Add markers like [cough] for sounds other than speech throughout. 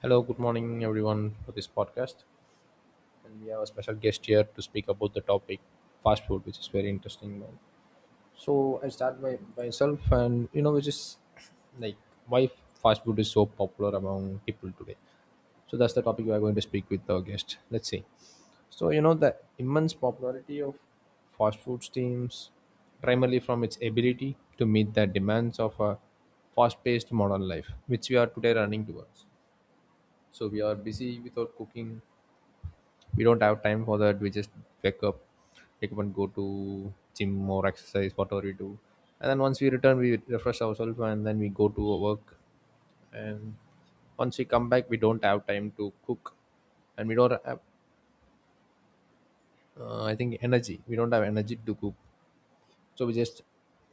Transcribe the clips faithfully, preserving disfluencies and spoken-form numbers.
Hello, good morning, everyone, for this podcast. And we have a special guest here to speak about the topic fast food, which is very interesting. Man. So I start by myself, and you know, which is like why fast food is so popular among people today. So that's the topic we are going to speak with our guest. Let's see. So you know the immense popularity of fast food teams, primarily from its ability to meet the demands of a fast-paced modern life, which we are today running towards. So we are busy with our cooking, we don't have time for that, we just wake up wake up and go to gym or exercise whatever we do, and then once we return we refresh ourselves and then we go to our work. And once we come back we don't have time to cook, and we don't have, uh, I think, energy. We don't have energy to cook. So we just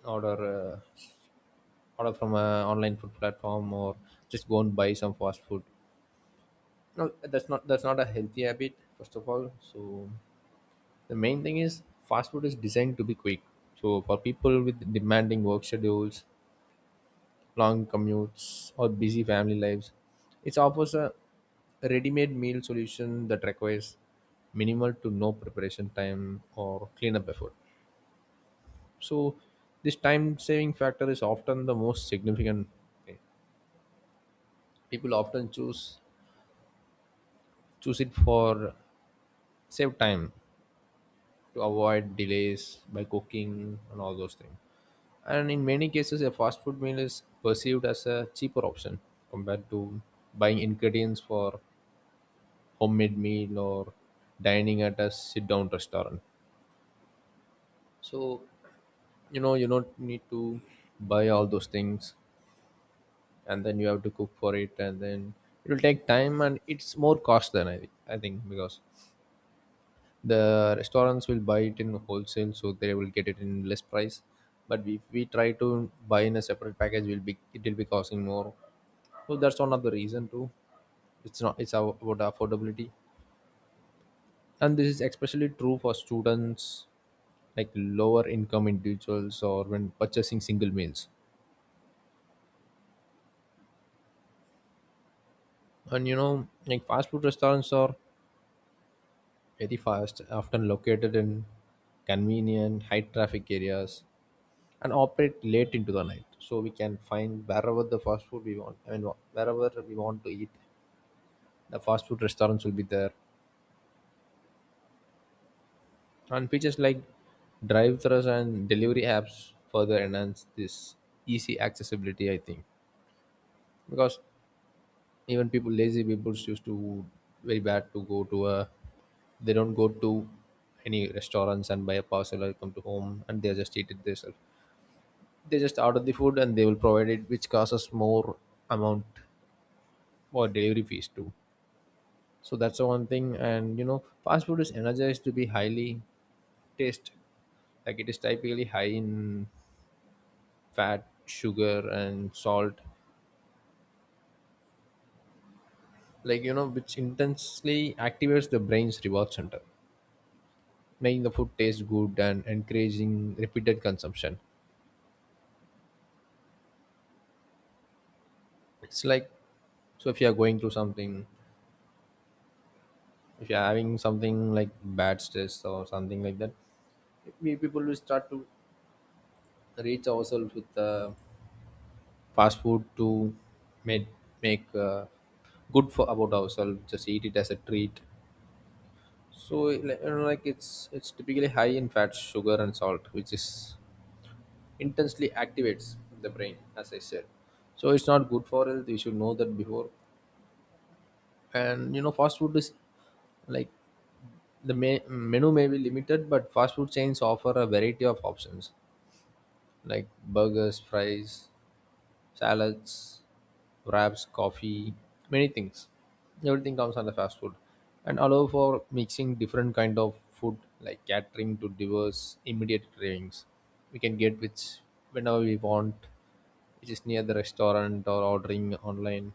order uh, order from a online food platform or just go and buy some fast food. No, that's not that's not a healthy habit first of all. So the main thing is fast food is designed to be quick. So for people with demanding work schedules, long commutes, or busy family lives, it offers a ready-made meal solution that requires minimal to no preparation time or cleanup effort. So this time saving factor is often the most significant thing. People often choose choose it for save time, to avoid delays by cooking and all those things. And in many cases, a fast food meal is perceived as a cheaper option compared to buying ingredients for homemade meal or dining at a sit down restaurant. So, you know, you don't need to buy all those things, and then you have to cook for it, and then it will take time, and it's more cost than I, I think, because the restaurants will buy it in wholesale so they will get it in less price, but if we try to buy in a separate package will be it will be costing more, so that's one of the reason too. It's not, it's about affordability, and this is especially true for students, like lower income individuals or when purchasing single meals. And you know like fast food restaurants are very fast often located in convenient high traffic areas and operate late into the night. So we can find wherever the fast food we want. I mean, wherever we want to eat, the fast food restaurants will be there. And features like drive-thrus and delivery apps further enhance this easy accessibility. I think because even people, lazy people, used to very bad to go to a. They don't go to any restaurants and buy a parcel or come to home and they just eat it themselves. They just order the food and they will provide it, which causes more amount or delivery fees too. So that's the one thing. And you know, fast food is energized to be highly taste, like it is typically high in fat, sugar, and salt, like you know, which intensely activates the brain's reward center, making the food taste good and encouraging repeated consumption. It's like, so if you are going through something, if you are having something like bad stress or something like that, we people will start to reach ourselves with the fast food to make make uh, good for about ourselves, just eat it as a treat. So like, you know, like it's it's typically high in fat sugar and salt which is intensely activates the brain as I said. So it's not good for health, you should know that before. And you know fast food is like the me- menu may be limited, but fast food chains offer a variety of options like burgers, fries, salads, wraps, coffee, many things. Everything comes under fast food and allow for mixing different kind of food, like catering to diverse immediate cravings. We can get which whenever we want, which is near the restaurant or ordering online.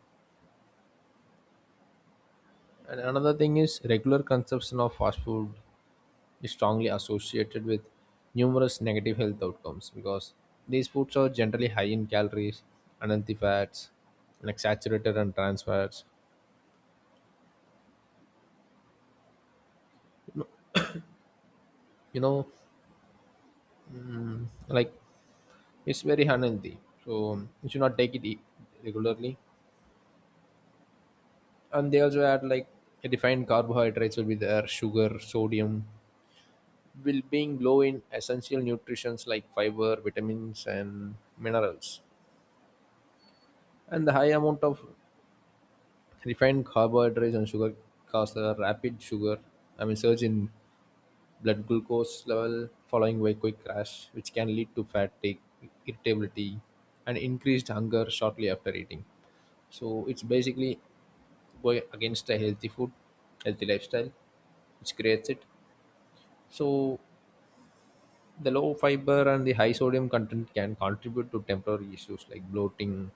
And another thing is regular consumption of fast food is strongly associated with numerous negative health outcomes, because these foods are generally high in calories, unhealthy fats, like saturated and trans fats. You know, like it's very unhealthy. So you should not take it e- regularly. And they also add like refined carbohydrates will be there, sugar, sodium, will being low in essential nutrients like fiber, vitamins, and minerals. And the high amount of refined carbohydrates and sugar cause a rapid sugar, I mean surge in blood glucose level following by quick crash, which can lead to fatigue, irritability, and increased hunger shortly after eating. So it's basically going against a healthy food, healthy lifestyle, which creates it. So the low fiber and the high sodium content can contribute to temporary issues like bloating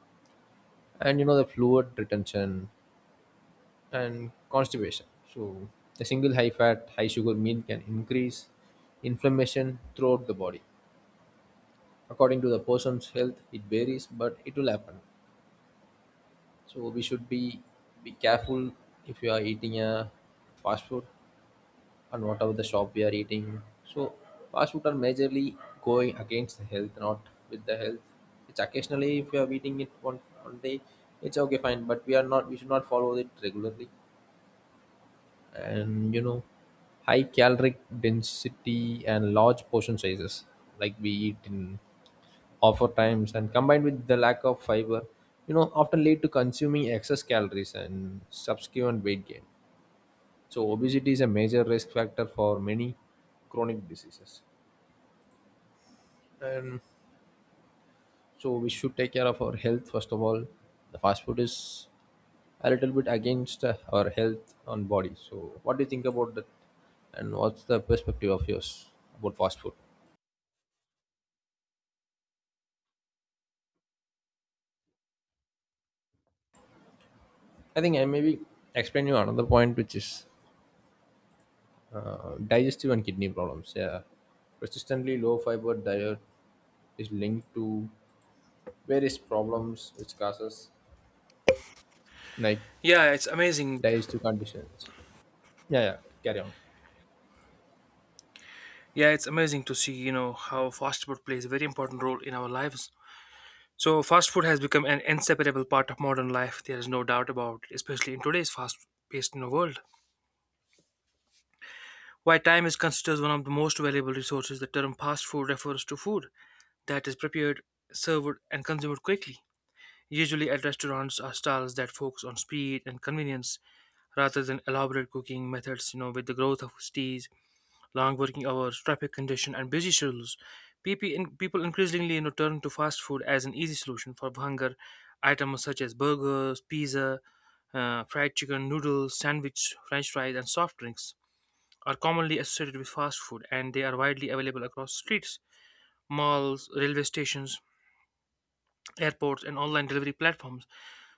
and you know the fluid retention and constipation. So, a single high fat, high sugar meal can increase inflammation throughout the body. According to the person's health, it varies, but it will happen. So, we should be, be careful if you are eating a fast food and whatever the shop we are eating. So, fast food are majorly going against the health, not with the health. It's occasionally, if you are eating it one, one day, it's okay, fine, but we are not, we should not follow it regularly. And you know high caloric density and large portion sizes, like we eat in offer times and combined with the lack of fiber, you know often lead to consuming excess calories and subsequent weight gain. So obesity is a major risk factor for many chronic diseases, and so we should take care of our health first of all. The fast food is a little bit against uh, our health on body. So, what do you think about that? And what's the perspective of yours about fast food? I think I maybe explain you another point, which is uh, digestive and kidney problems. Yeah, persistently low fiber diet is linked to various problems which causes like Yeah, it's amazing. digestive conditions. Yeah, yeah, carry on. Yeah, it's amazing to see, you know, how fast food plays a very important role in our lives. So, fast food has become an inseparable part of modern life. There is no doubt about it, especially in today's fast-paced you know, world. While time is considered one of the most valuable resources, the term fast food refers to food that is prepared, served, and consumed quickly. Usually at restaurants or stalls that focus on speed and convenience rather than elaborate cooking methods. You know, with the growth of cities, long working hours, traffic congestion, and busy schedules, PP in- people increasingly you know, turn to fast food as an easy solution for hunger. Items such as burgers, pizza, uh, fried chicken, noodles, sandwich, french fries, and soft drinks are commonly associated with fast food, and they are widely available across streets, malls, railway stations, airports, and online delivery platforms.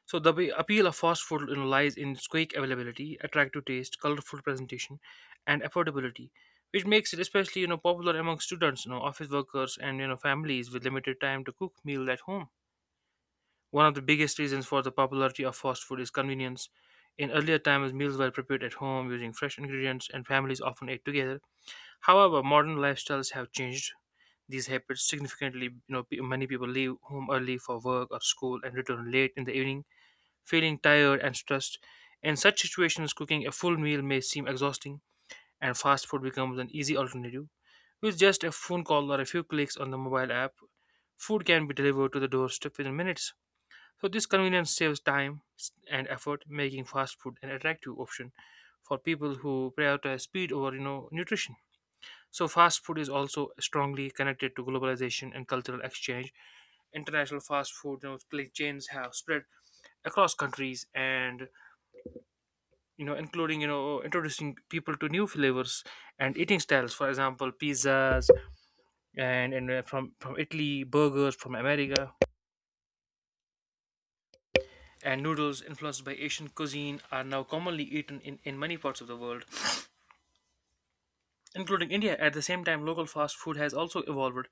So the be- appeal of fast food, you know, lies in its quick availability, attractive taste, colorful presentation, and affordability, which makes it especially, you know popular among students, you know, office workers, and you know families with limited time to cook meal at home. One of the biggest reasons for the popularity of fast food is convenience. In earlier times, meals were prepared at home using fresh ingredients, and families often ate together. However, modern lifestyles have changed these habits significantly. You know, pe- many people leave home early for work or school and return late in the evening, feeling tired and stressed. In such situations, cooking a full meal may seem exhausting, and fast food becomes an easy alternative. With just a phone call or a few clicks on the mobile app, food can be delivered to the doorstep within minutes. So this convenience saves time s- and effort, making fast food an attractive option for people who prioritize speed over, you know, nutrition. So fast food is also strongly connected to globalization and cultural exchange. International fast food you know like chains have spread across countries, and you know including you know introducing people to new flavors and eating styles. For example, pizzas and, and uh, from from italy, burgers from america, and noodles influenced by asian cuisine are now commonly eaten in in many parts of the world, including India. At the same time, local fast food has also evolved,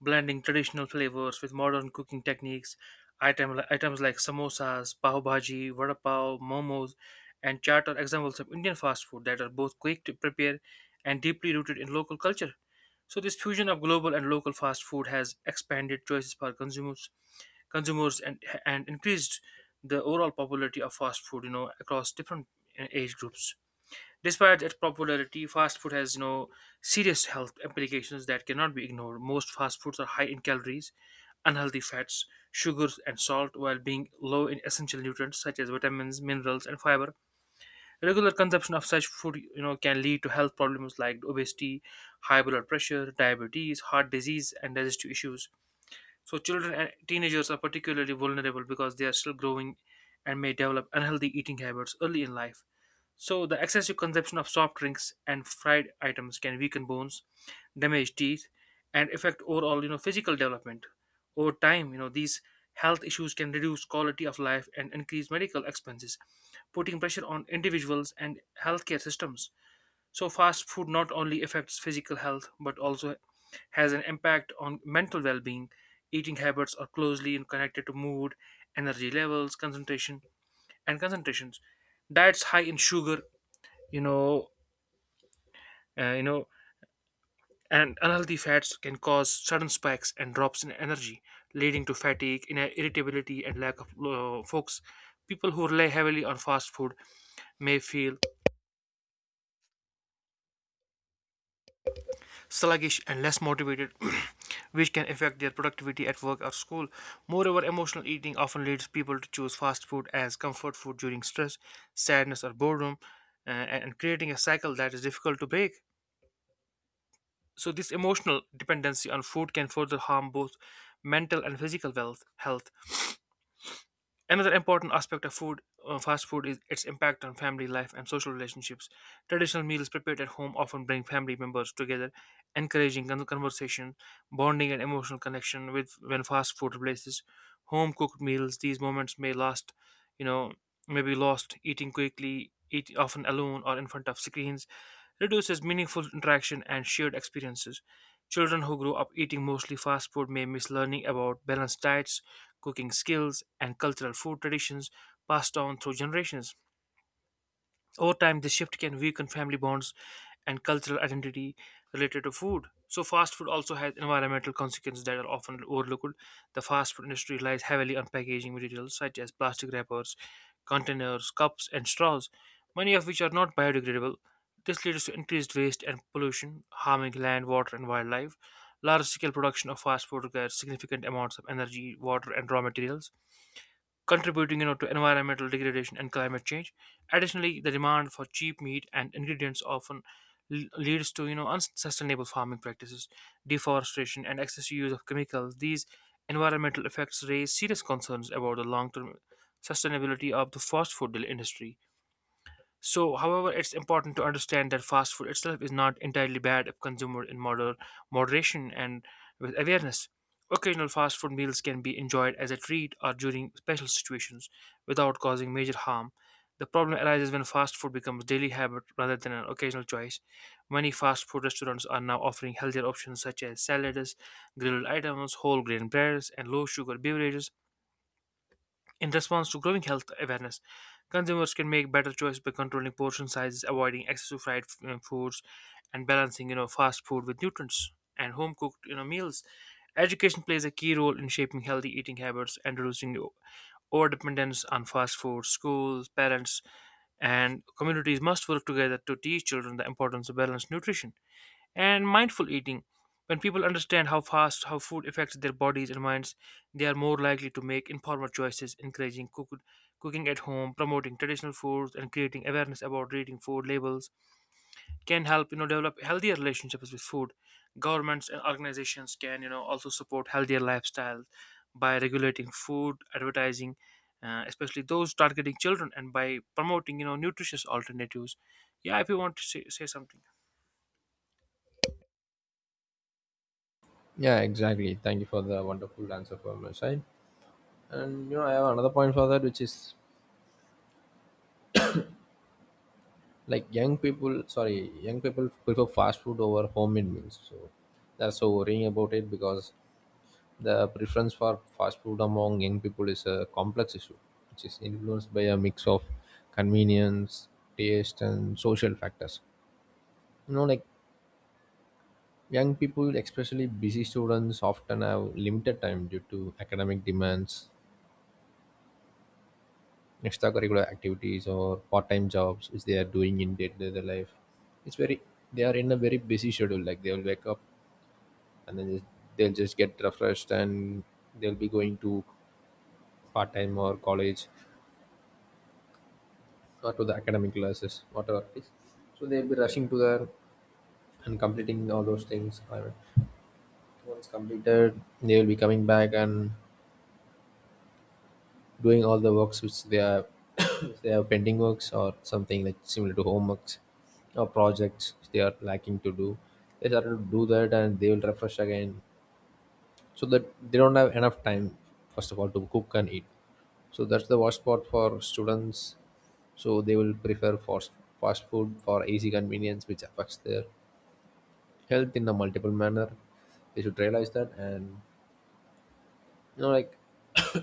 blending traditional flavors with modern cooking techniques. Item, items like samosas, pav bhaji, vada pav, momos, and chaat are examples of Indian fast food that are both quick to prepare and deeply rooted in local culture. So this fusion of global and local fast food has expanded choices for consumers, consumers and and increased the overall popularity of fast food, you know, across different uh, age groups. Despite its popularity, fast food has you know serious health implications that cannot be ignored. Most fast foods are high in calories, unhealthy fats, sugars, and salt, while being low in essential nutrients such as vitamins, minerals, and fiber. Regular consumption of such food, you know, can lead to health problems like obesity, high blood pressure, diabetes, heart disease, and digestive issues. So, children and teenagers are particularly vulnerable because they are still growing and may develop unhealthy eating habits early in life. So, the excessive consumption of soft drinks and fried items can weaken bones, damage teeth, and affect overall, you know, physical development. Over time, you know, these health issues can reduce quality of life and increase medical expenses, putting pressure on individuals and healthcare systems. So, fast food not only affects physical health but also has an impact on mental well being. Eating habits are closely connected to mood, energy levels, concentration, and concentrations. Diets high in sugar you know uh, you know and unhealthy fats can cause sudden spikes and drops in energy, leading to fatigue ina- irritability, and lack of uh, focus. People who rely heavily on fast food may feel sluggish and less motivated, [clears throat] which can affect their productivity at work or school. Moreover, emotional eating often leads people to choose fast food as comfort food during stress, sadness, or boredom, uh, and and creating a cycle that is difficult to break. So this emotional dependency on food can further harm both mental and physical wealth, health. Another important aspect of food, uh, fast food is its impact on family life and social relationships. Traditional meals prepared at home often bring family members together, encouraging con- conversation, bonding, and emotional connection. With when fast food replaces home cooked meals, these moments may last, you know, may be lost. Eating quickly, eat often alone or in front of screens, reduces meaningful interaction and shared experiences. Children who grow up eating mostly fast food may miss learning about balanced diets, cooking skills, and cultural food traditions passed down through generations. Over time, this shift can weaken family bonds and cultural identity related to food. So, fast food also has environmental consequences that are often overlooked. The fast food industry relies heavily on packaging materials such as plastic wrappers, containers, cups, and straws, many of which are not biodegradable. This leads to increased waste and pollution, harming land, water, and wildlife. Large scale production of fast food requires significant amounts of energy, water, and raw materials, contributing you know, to environmental degradation and climate change. Additionally, the demand for cheap meat and ingredients often l- leads to you know unsustainable farming practices, deforestation, and excessive use of chemicals. These environmental effects raise serious concerns about the long-term sustainability of the fast food industry. So, however, it's important to understand that fast food itself is not entirely bad if consumed in moder- moderation and with awareness. Occasional fast food meals can be enjoyed as a treat or during special situations without causing major harm. The problem arises when fast food becomes daily habit rather than an occasional choice. Many fast food restaurants are now offering healthier options such as salads, grilled items, whole grain breads, and low sugar beverages. In response to growing health awareness, consumers can make better choices by controlling portion sizes, avoiding excessive fried uh, foods, and balancing, you know, fast food with nutrients and home cooked, you know, meals. Education plays a key role in shaping healthy eating habits and reducing over dependence on fast food. Schools, parents, and communities must work together to teach children the importance of balanced nutrition and mindful eating. When people understand how fast how food affects their bodies and minds, they are more likely to make informed choices. Encouraging cook- cooking at home, promoting traditional foods, and creating awareness about reading food labels can help you know develop healthier relationships with food. Governments and organizations can you know also support healthier lifestyles by regulating food advertising, uh, especially those targeting children, and by promoting you know nutritious alternatives. Yeah, if you want to say, say something. Yeah, exactly. Thank you for the wonderful answer from your side. And you know, I have another point for that, which is like young people sorry young people prefer fast food over home made meals, so they're so worrying about it, because the preference for fast food among young people is a complex issue which is influenced by a mix of convenience, taste and social factors. you know like young people especially busy students often have limited time due to academic demands, extracurricular activities or part-time jobs which they are doing in day-to-day life. It's very, they are in a very busy schedule, like they will wake up and then just, they'll just get refreshed and they'll be going to part time or college, or to the academic classes, whatever it is. So they'll be rushing to there and completing all those things. I mean, once completed, they will be coming back and doing all the works which they are [coughs] which they have pending works or something like similar to homeworks or projects which they are lacking to do. They start to do that and they will refresh again, so that they don't have enough time first of all to cook and eat. So that's the worst part for students. So they will prefer fast fast food for easy convenience, which affects their health in a multiple manner. They should realize that, and you know, like [coughs]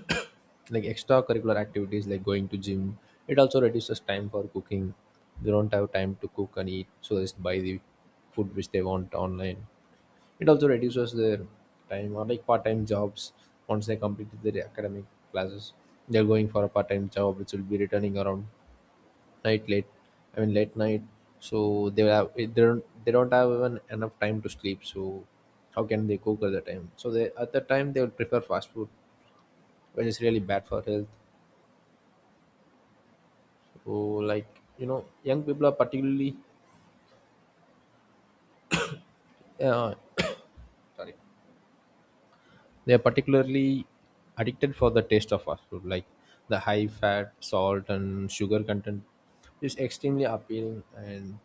like extracurricular activities like going to gym, it also reduces time for cooking. They don't have time to cook and eat, so they just buy the food which they want online. It also reduces their time, or like part-time jobs. Once they complete their academic classes, they're going for a part-time job, which will be returning around night late, I mean late night. So they have, they don't they don't have even enough time to sleep, so how can they cook at the time, so they at the time they will prefer fast food when it's really bad for health. So like, you know young people are particularly, uh, sorry they are particularly addicted for the taste of fast food, like the high fat salt and sugar content is extremely appealing, and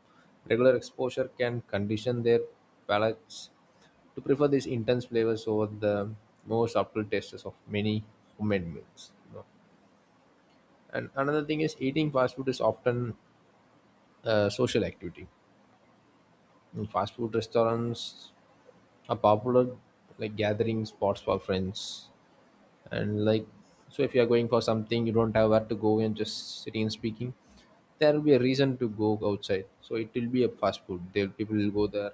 regular exposure can condition their palates to prefer these intense flavors over the more subtle tastes of many homemade meals. you know. And another thing is eating fast food is often a social activity. In fast food restaurants are popular like gathering spots for friends, and like so if you are going for something you don't have where to go and just sitting and speaking, there will be a reason to go outside. So it will be a fast food. There people will go there,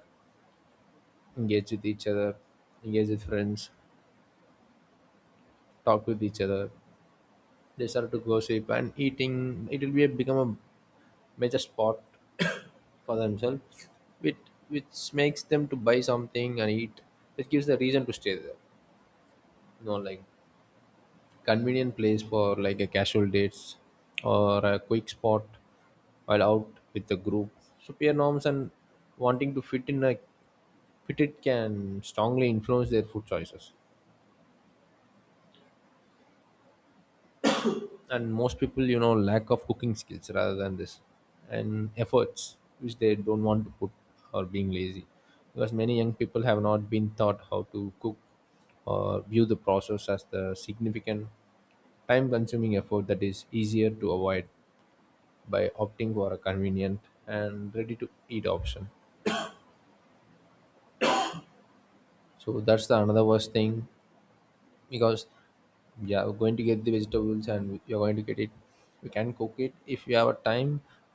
engage with each other, engage with friends, talk with each other. They start to gossip and eating. It will be a, become a major spot [coughs] for themselves, which which makes them to buy something and eat. It gives the reason to stay there. You know, like convenient place for like a casual dates or a quick spot while out with the group. So peer norms and wanting to fit in a fit it can strongly influence their food choices. And most people, you know, lack of cooking skills rather than this and efforts which they don't want to put or being lazy, because many young people have not been taught how to cook or view the process as the significant time consuming effort that is easier to avoid by opting for a convenient and ready to eat option. So that's the another worst thing, because yeah, we're going to get the vegetables and you're going to get it. We can cook it if you have a time,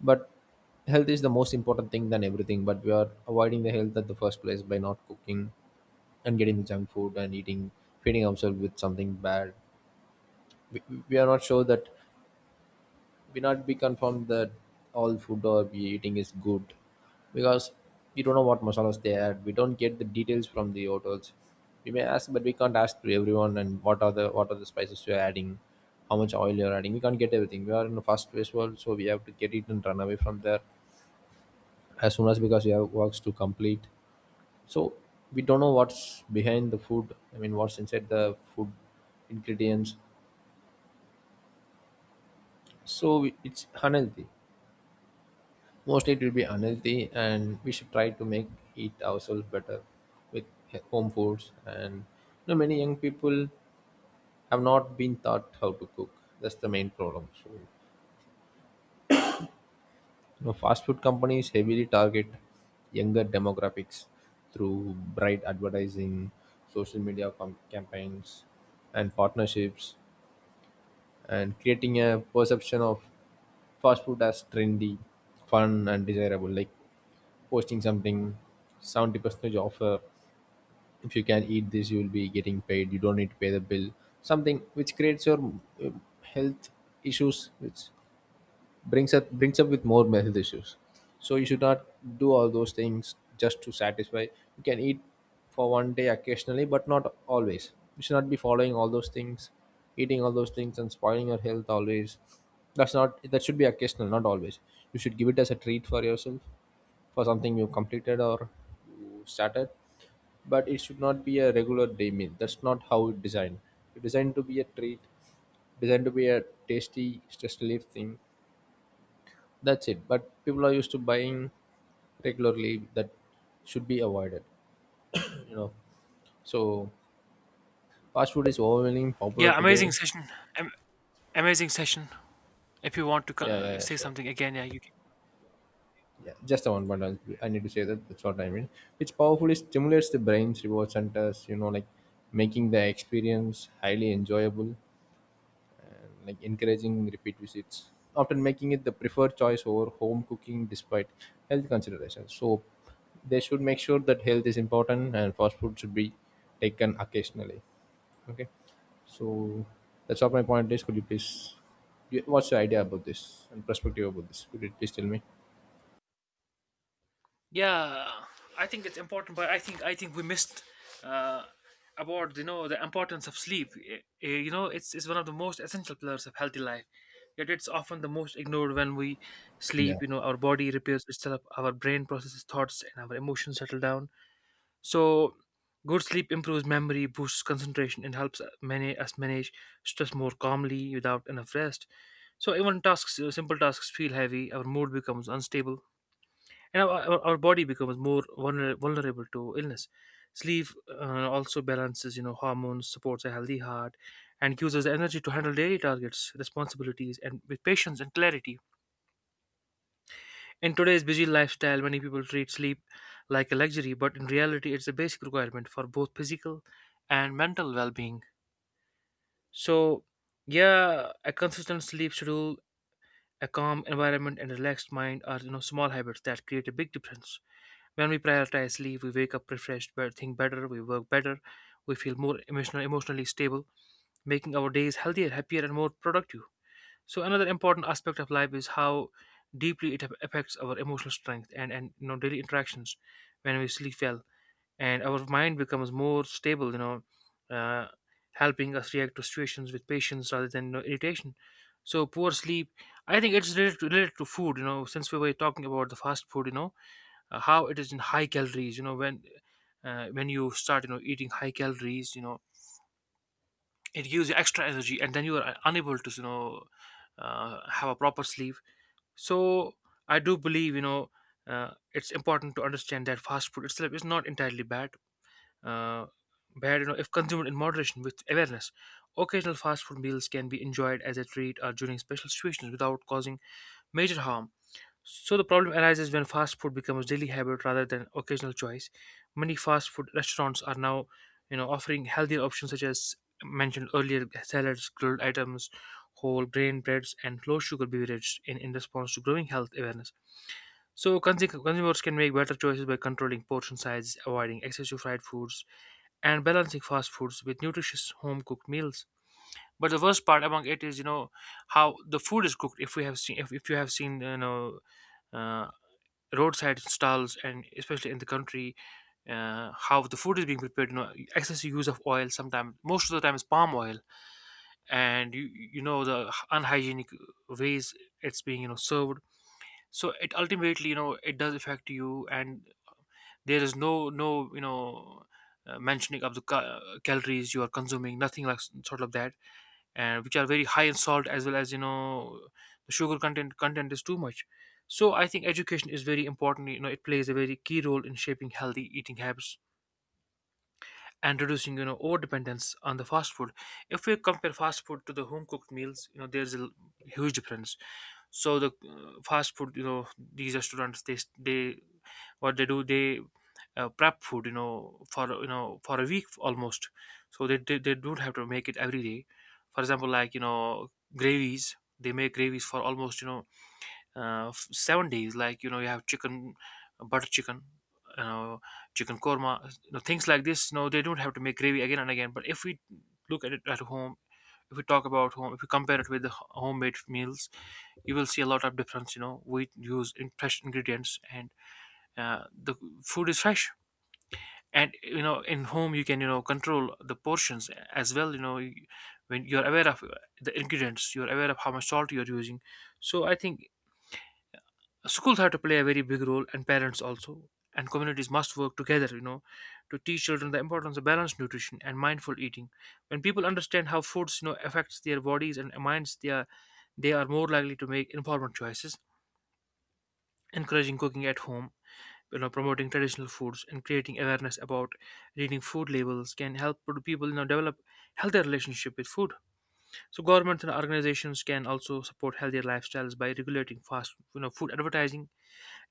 but health is the most important thing than everything. But we are avoiding the health at the first place by not cooking and getting the junk food and eating, feeding ourselves with something bad. we, we are not sure that we not be confirmed that all food or we eating is good, because we don't know what masalas they add. We don't get the details from the hotels. We may ask, but we can't ask to everyone and what are the what are the spices you're adding, how much oil you're adding. We can't get everything. We are in a fast paced world, so we have to get it and run away from there as soon as, because we have works to complete. So we don't know what's behind the food. I mean, what's inside the food ingredients. So we- it's unhealthy. Mostly it will be unhealthy, and we should try to make it ourselves better with he- home foods. And you know, many young people have not been taught how to cook. That's the main problem. So, you know, fast food companies heavily target younger demographics through bright advertising, social media com- campaigns, and partnerships. And creating a perception of fast food as trendy, fun, and desirable. Like posting something, seventy percentage offer. If you can eat this, you will be getting paid. You don't need to pay the bill. Something which creates your uh, health issues, which brings up brings up with more health issues. So you should not do all those things just to satisfy. You can eat for one day occasionally, but not always. You should not be following all those things, eating all those things and spoiling your health always. That's not, that should be occasional, not always. You should give it as a treat for yourself, for something you completed or you started. But it should not be a regular day meal. That's not how it's designed. It's designed to be a treat, designed to be a tasty stress relief thing. That's it. But people are used to buying regularly. That should be avoided, you know. So fast food is overwhelmingly popular Yeah, amazing today. session. Am- amazing session. If you want to co- Yeah, yeah, uh, yeah, say sure. something again, yeah, you can. Yeah, just the one point i I need to say that, that's what I mean, which powerfully stimulates the brain's reward centers, you know, like making the experience highly enjoyable, like encouraging repeat visits, often making it the preferred choice over home cooking despite health considerations. So they should make sure that health is important and fast food should be taken occasionally. Okay, so that's all my point is. Could you please, you- what's your idea about this and perspective about this? Could you please tell me? Yeah, i think it's important, but i think i think we missed uh, about you know the importance of sleep. Eh, eh, you know, it's, it's one of the most essential pillars of healthy life, yet it's often the most ignored. When we Yeah, sleep, you know our body repairs itself, our brain processes thoughts, and our emotions settle down. So, good sleep improves memory, boosts concentration, and helps uh, many us manage stress more calmly without enough rest. So, even tasks, uh, simple tasks feel heavy. Our mood becomes unstable, and our, our, our body becomes more vulner- vulnerable to illness. Sleep uh, also balances, you know, hormones, supports a healthy heart, and gives us the energy to handle daily targets, responsibilities, and with patience and clarity. In today's busy lifestyle, many people treat sleep like a luxury, but in reality, it's a basic requirement for both physical and mental well being. So, yeah, a consistent sleep schedule, a calm environment, and relaxed mind are you know small habits that create a big difference. When we prioritize sleep, we wake up refreshed, but think better, we work better, we feel more emotional, emotionally stable, making our days healthier, happier, and more productive. So another important aspect of life is how deeply it affects our emotional strength, and and you know daily interactions. When we sleep well, and our mind becomes more stable, you know, uh, helping us react to situations with patience rather than you know, irritation. So poor sleep, I think it's related to, related to food. You know, since we were talking about the fast food, you know, uh, how it is in high calories. You know, when uh, when you start, you know, eating high calories, you know, it gives you extra energy, and then you are uh, unable to, you know, uh, have a proper sleep. So i do believe, you know uh, it's important to understand that fast food itself is not entirely bad, uh, bad you know, if consumed in moderation with awareness. Occasional fast food meals can be enjoyed as a treat or during special situations without causing major harm. So the problem arises when fast food becomes daily habit rather than occasional choice. Many fast food restaurants are now, you know, offering healthier options such as mentioned earlier: salads, grilled items, whole grain breads, and low sugar beverages in, in response to growing health awareness. So consu- consumers can make better choices by controlling portion size, avoiding excessive fried foods, and balancing fast foods with nutritious home cooked meals. But the worst part among it is, you know, how the food is cooked. If we have seen, if, if you have seen, you know, uh, roadside stalls, and especially in the country, uh, how the food is being prepared. You know, excessive use of oil, sometimes most of the time is palm oil, and you you know the unhygienic ways it's being, you know, served. So it ultimately, you know, it does affect you. And there is no no you know, uh, mentioning of the ca- calories you are consuming, nothing like s- sort of that, and which are very high in salt as well as, you know, the sugar content content is too much. So i think education is very important. You know, it plays a very key role in shaping healthy eating habits and reducing, you know, over dependence on the fast food. If we compare fast food to the home cooked meals, you know, there's a l- huge difference. So the uh, fast food, you know, these restaurants, they they what they do they uh, prep food, you know, for, you know, for a week almost. So they, they they don't have to make it every day. For example, like, you know, gravies, they make gravies for almost, you know, uh, f- seven days. Like, you know, you have chicken, butter chicken, you know, chicken korma, you know, things like this. No, they don't have to make gravy again and again. But if we look at it at home, if we talk about home, if we compare it with the h- homemade meals, you will see a lot of difference. You know, we use in fresh ingredients, and uh, the food is fresh. And you know, in home you can, you know, control the portions as well. You know, you- when you're aware of uh, the ingredients, you're aware of how much salt you're using. So i think schools have to play a very big role, and parents also, and communities must work together, you know, to teach children the importance of balanced nutrition and mindful eating. When people understand how foods, you know, affects their bodies and minds, they are they are more likely to make informed choices. Encouraging cooking at home, you know, promoting traditional foods, and creating awareness about reading food labels can help pro- people, you know, develop healthier relationship with food. So governments and organizations can also support healthier lifestyles by regulating fast, you know, food advertising,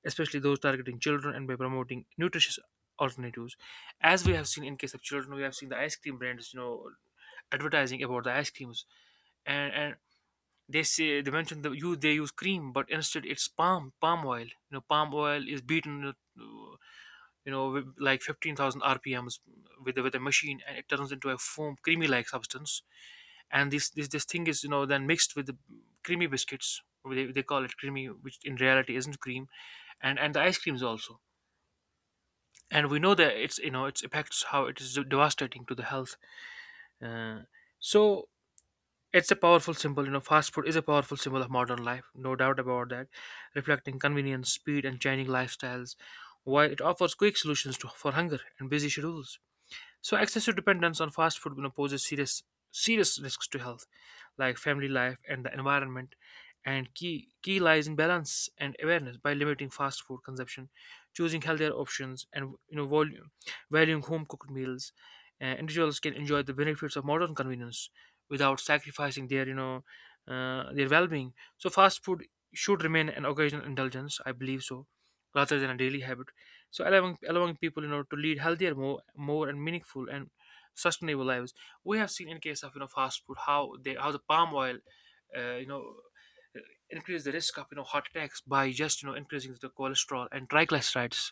especially those targeting children, and by promoting nutritious alternatives. As we have seen in case of children, we have seen the ice cream brands, you know, advertising about the ice creams. And and they say they mentioned the you, they use cream, but instead it's palm palm oil. You know, palm oil is beaten, you know, you know with like fifteen thousand rpms, with a, with a machine, and it turns into a foam creamy like substance. And this, this this thing is, you know, then mixed with the creamy biscuits. They, they call it creamy, which in reality isn't cream. And and the ice creams also. And we know that it's, you know, its effects, how it is devastating to the health. Uh, so it's a powerful symbol. You know, fast food is a powerful symbol of modern life, no doubt about that, reflecting convenience, speed, and changing lifestyles. While it offers quick solutions to, for hunger and busy schedules. So excessive dependence on fast food, you know, poses serious serious risks to health, like family life and the environment. And key key lies in balance and awareness by limiting fast food consumption, choosing healthier options, and you know, volume, valuing home cooked meals. Uh, individuals can enjoy the benefits of modern convenience without sacrificing their, you know, uh, their well-being. So fast food should remain an occasional indulgence, I believe so, rather than a daily habit, so allowing allowing people, you know, to lead healthier, more more and meaningful and sustainable lives. We have seen in case of, you know, fast food, how they, how the palm oil, uh, you know uh, increase the risk of, you know, heart attacks by just, you know, increasing the cholesterol and triglycerides,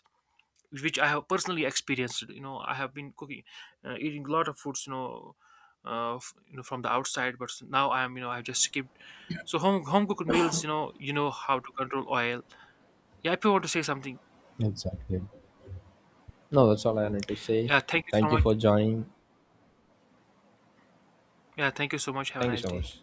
which I have personally experienced. You know, I have been cooking, uh, eating a lot of foods, you know, uh, f- you know, from the outside. But now I am, you know, I just skipped. So home home cooked meals, you know, you know how to control oil. Yeah, if you want to say something. exactly. No, that's all I wanted to say. Yeah, thank you so Thank you much. for joining. Yeah, thank you so much. Have a Thank you nice so day. much.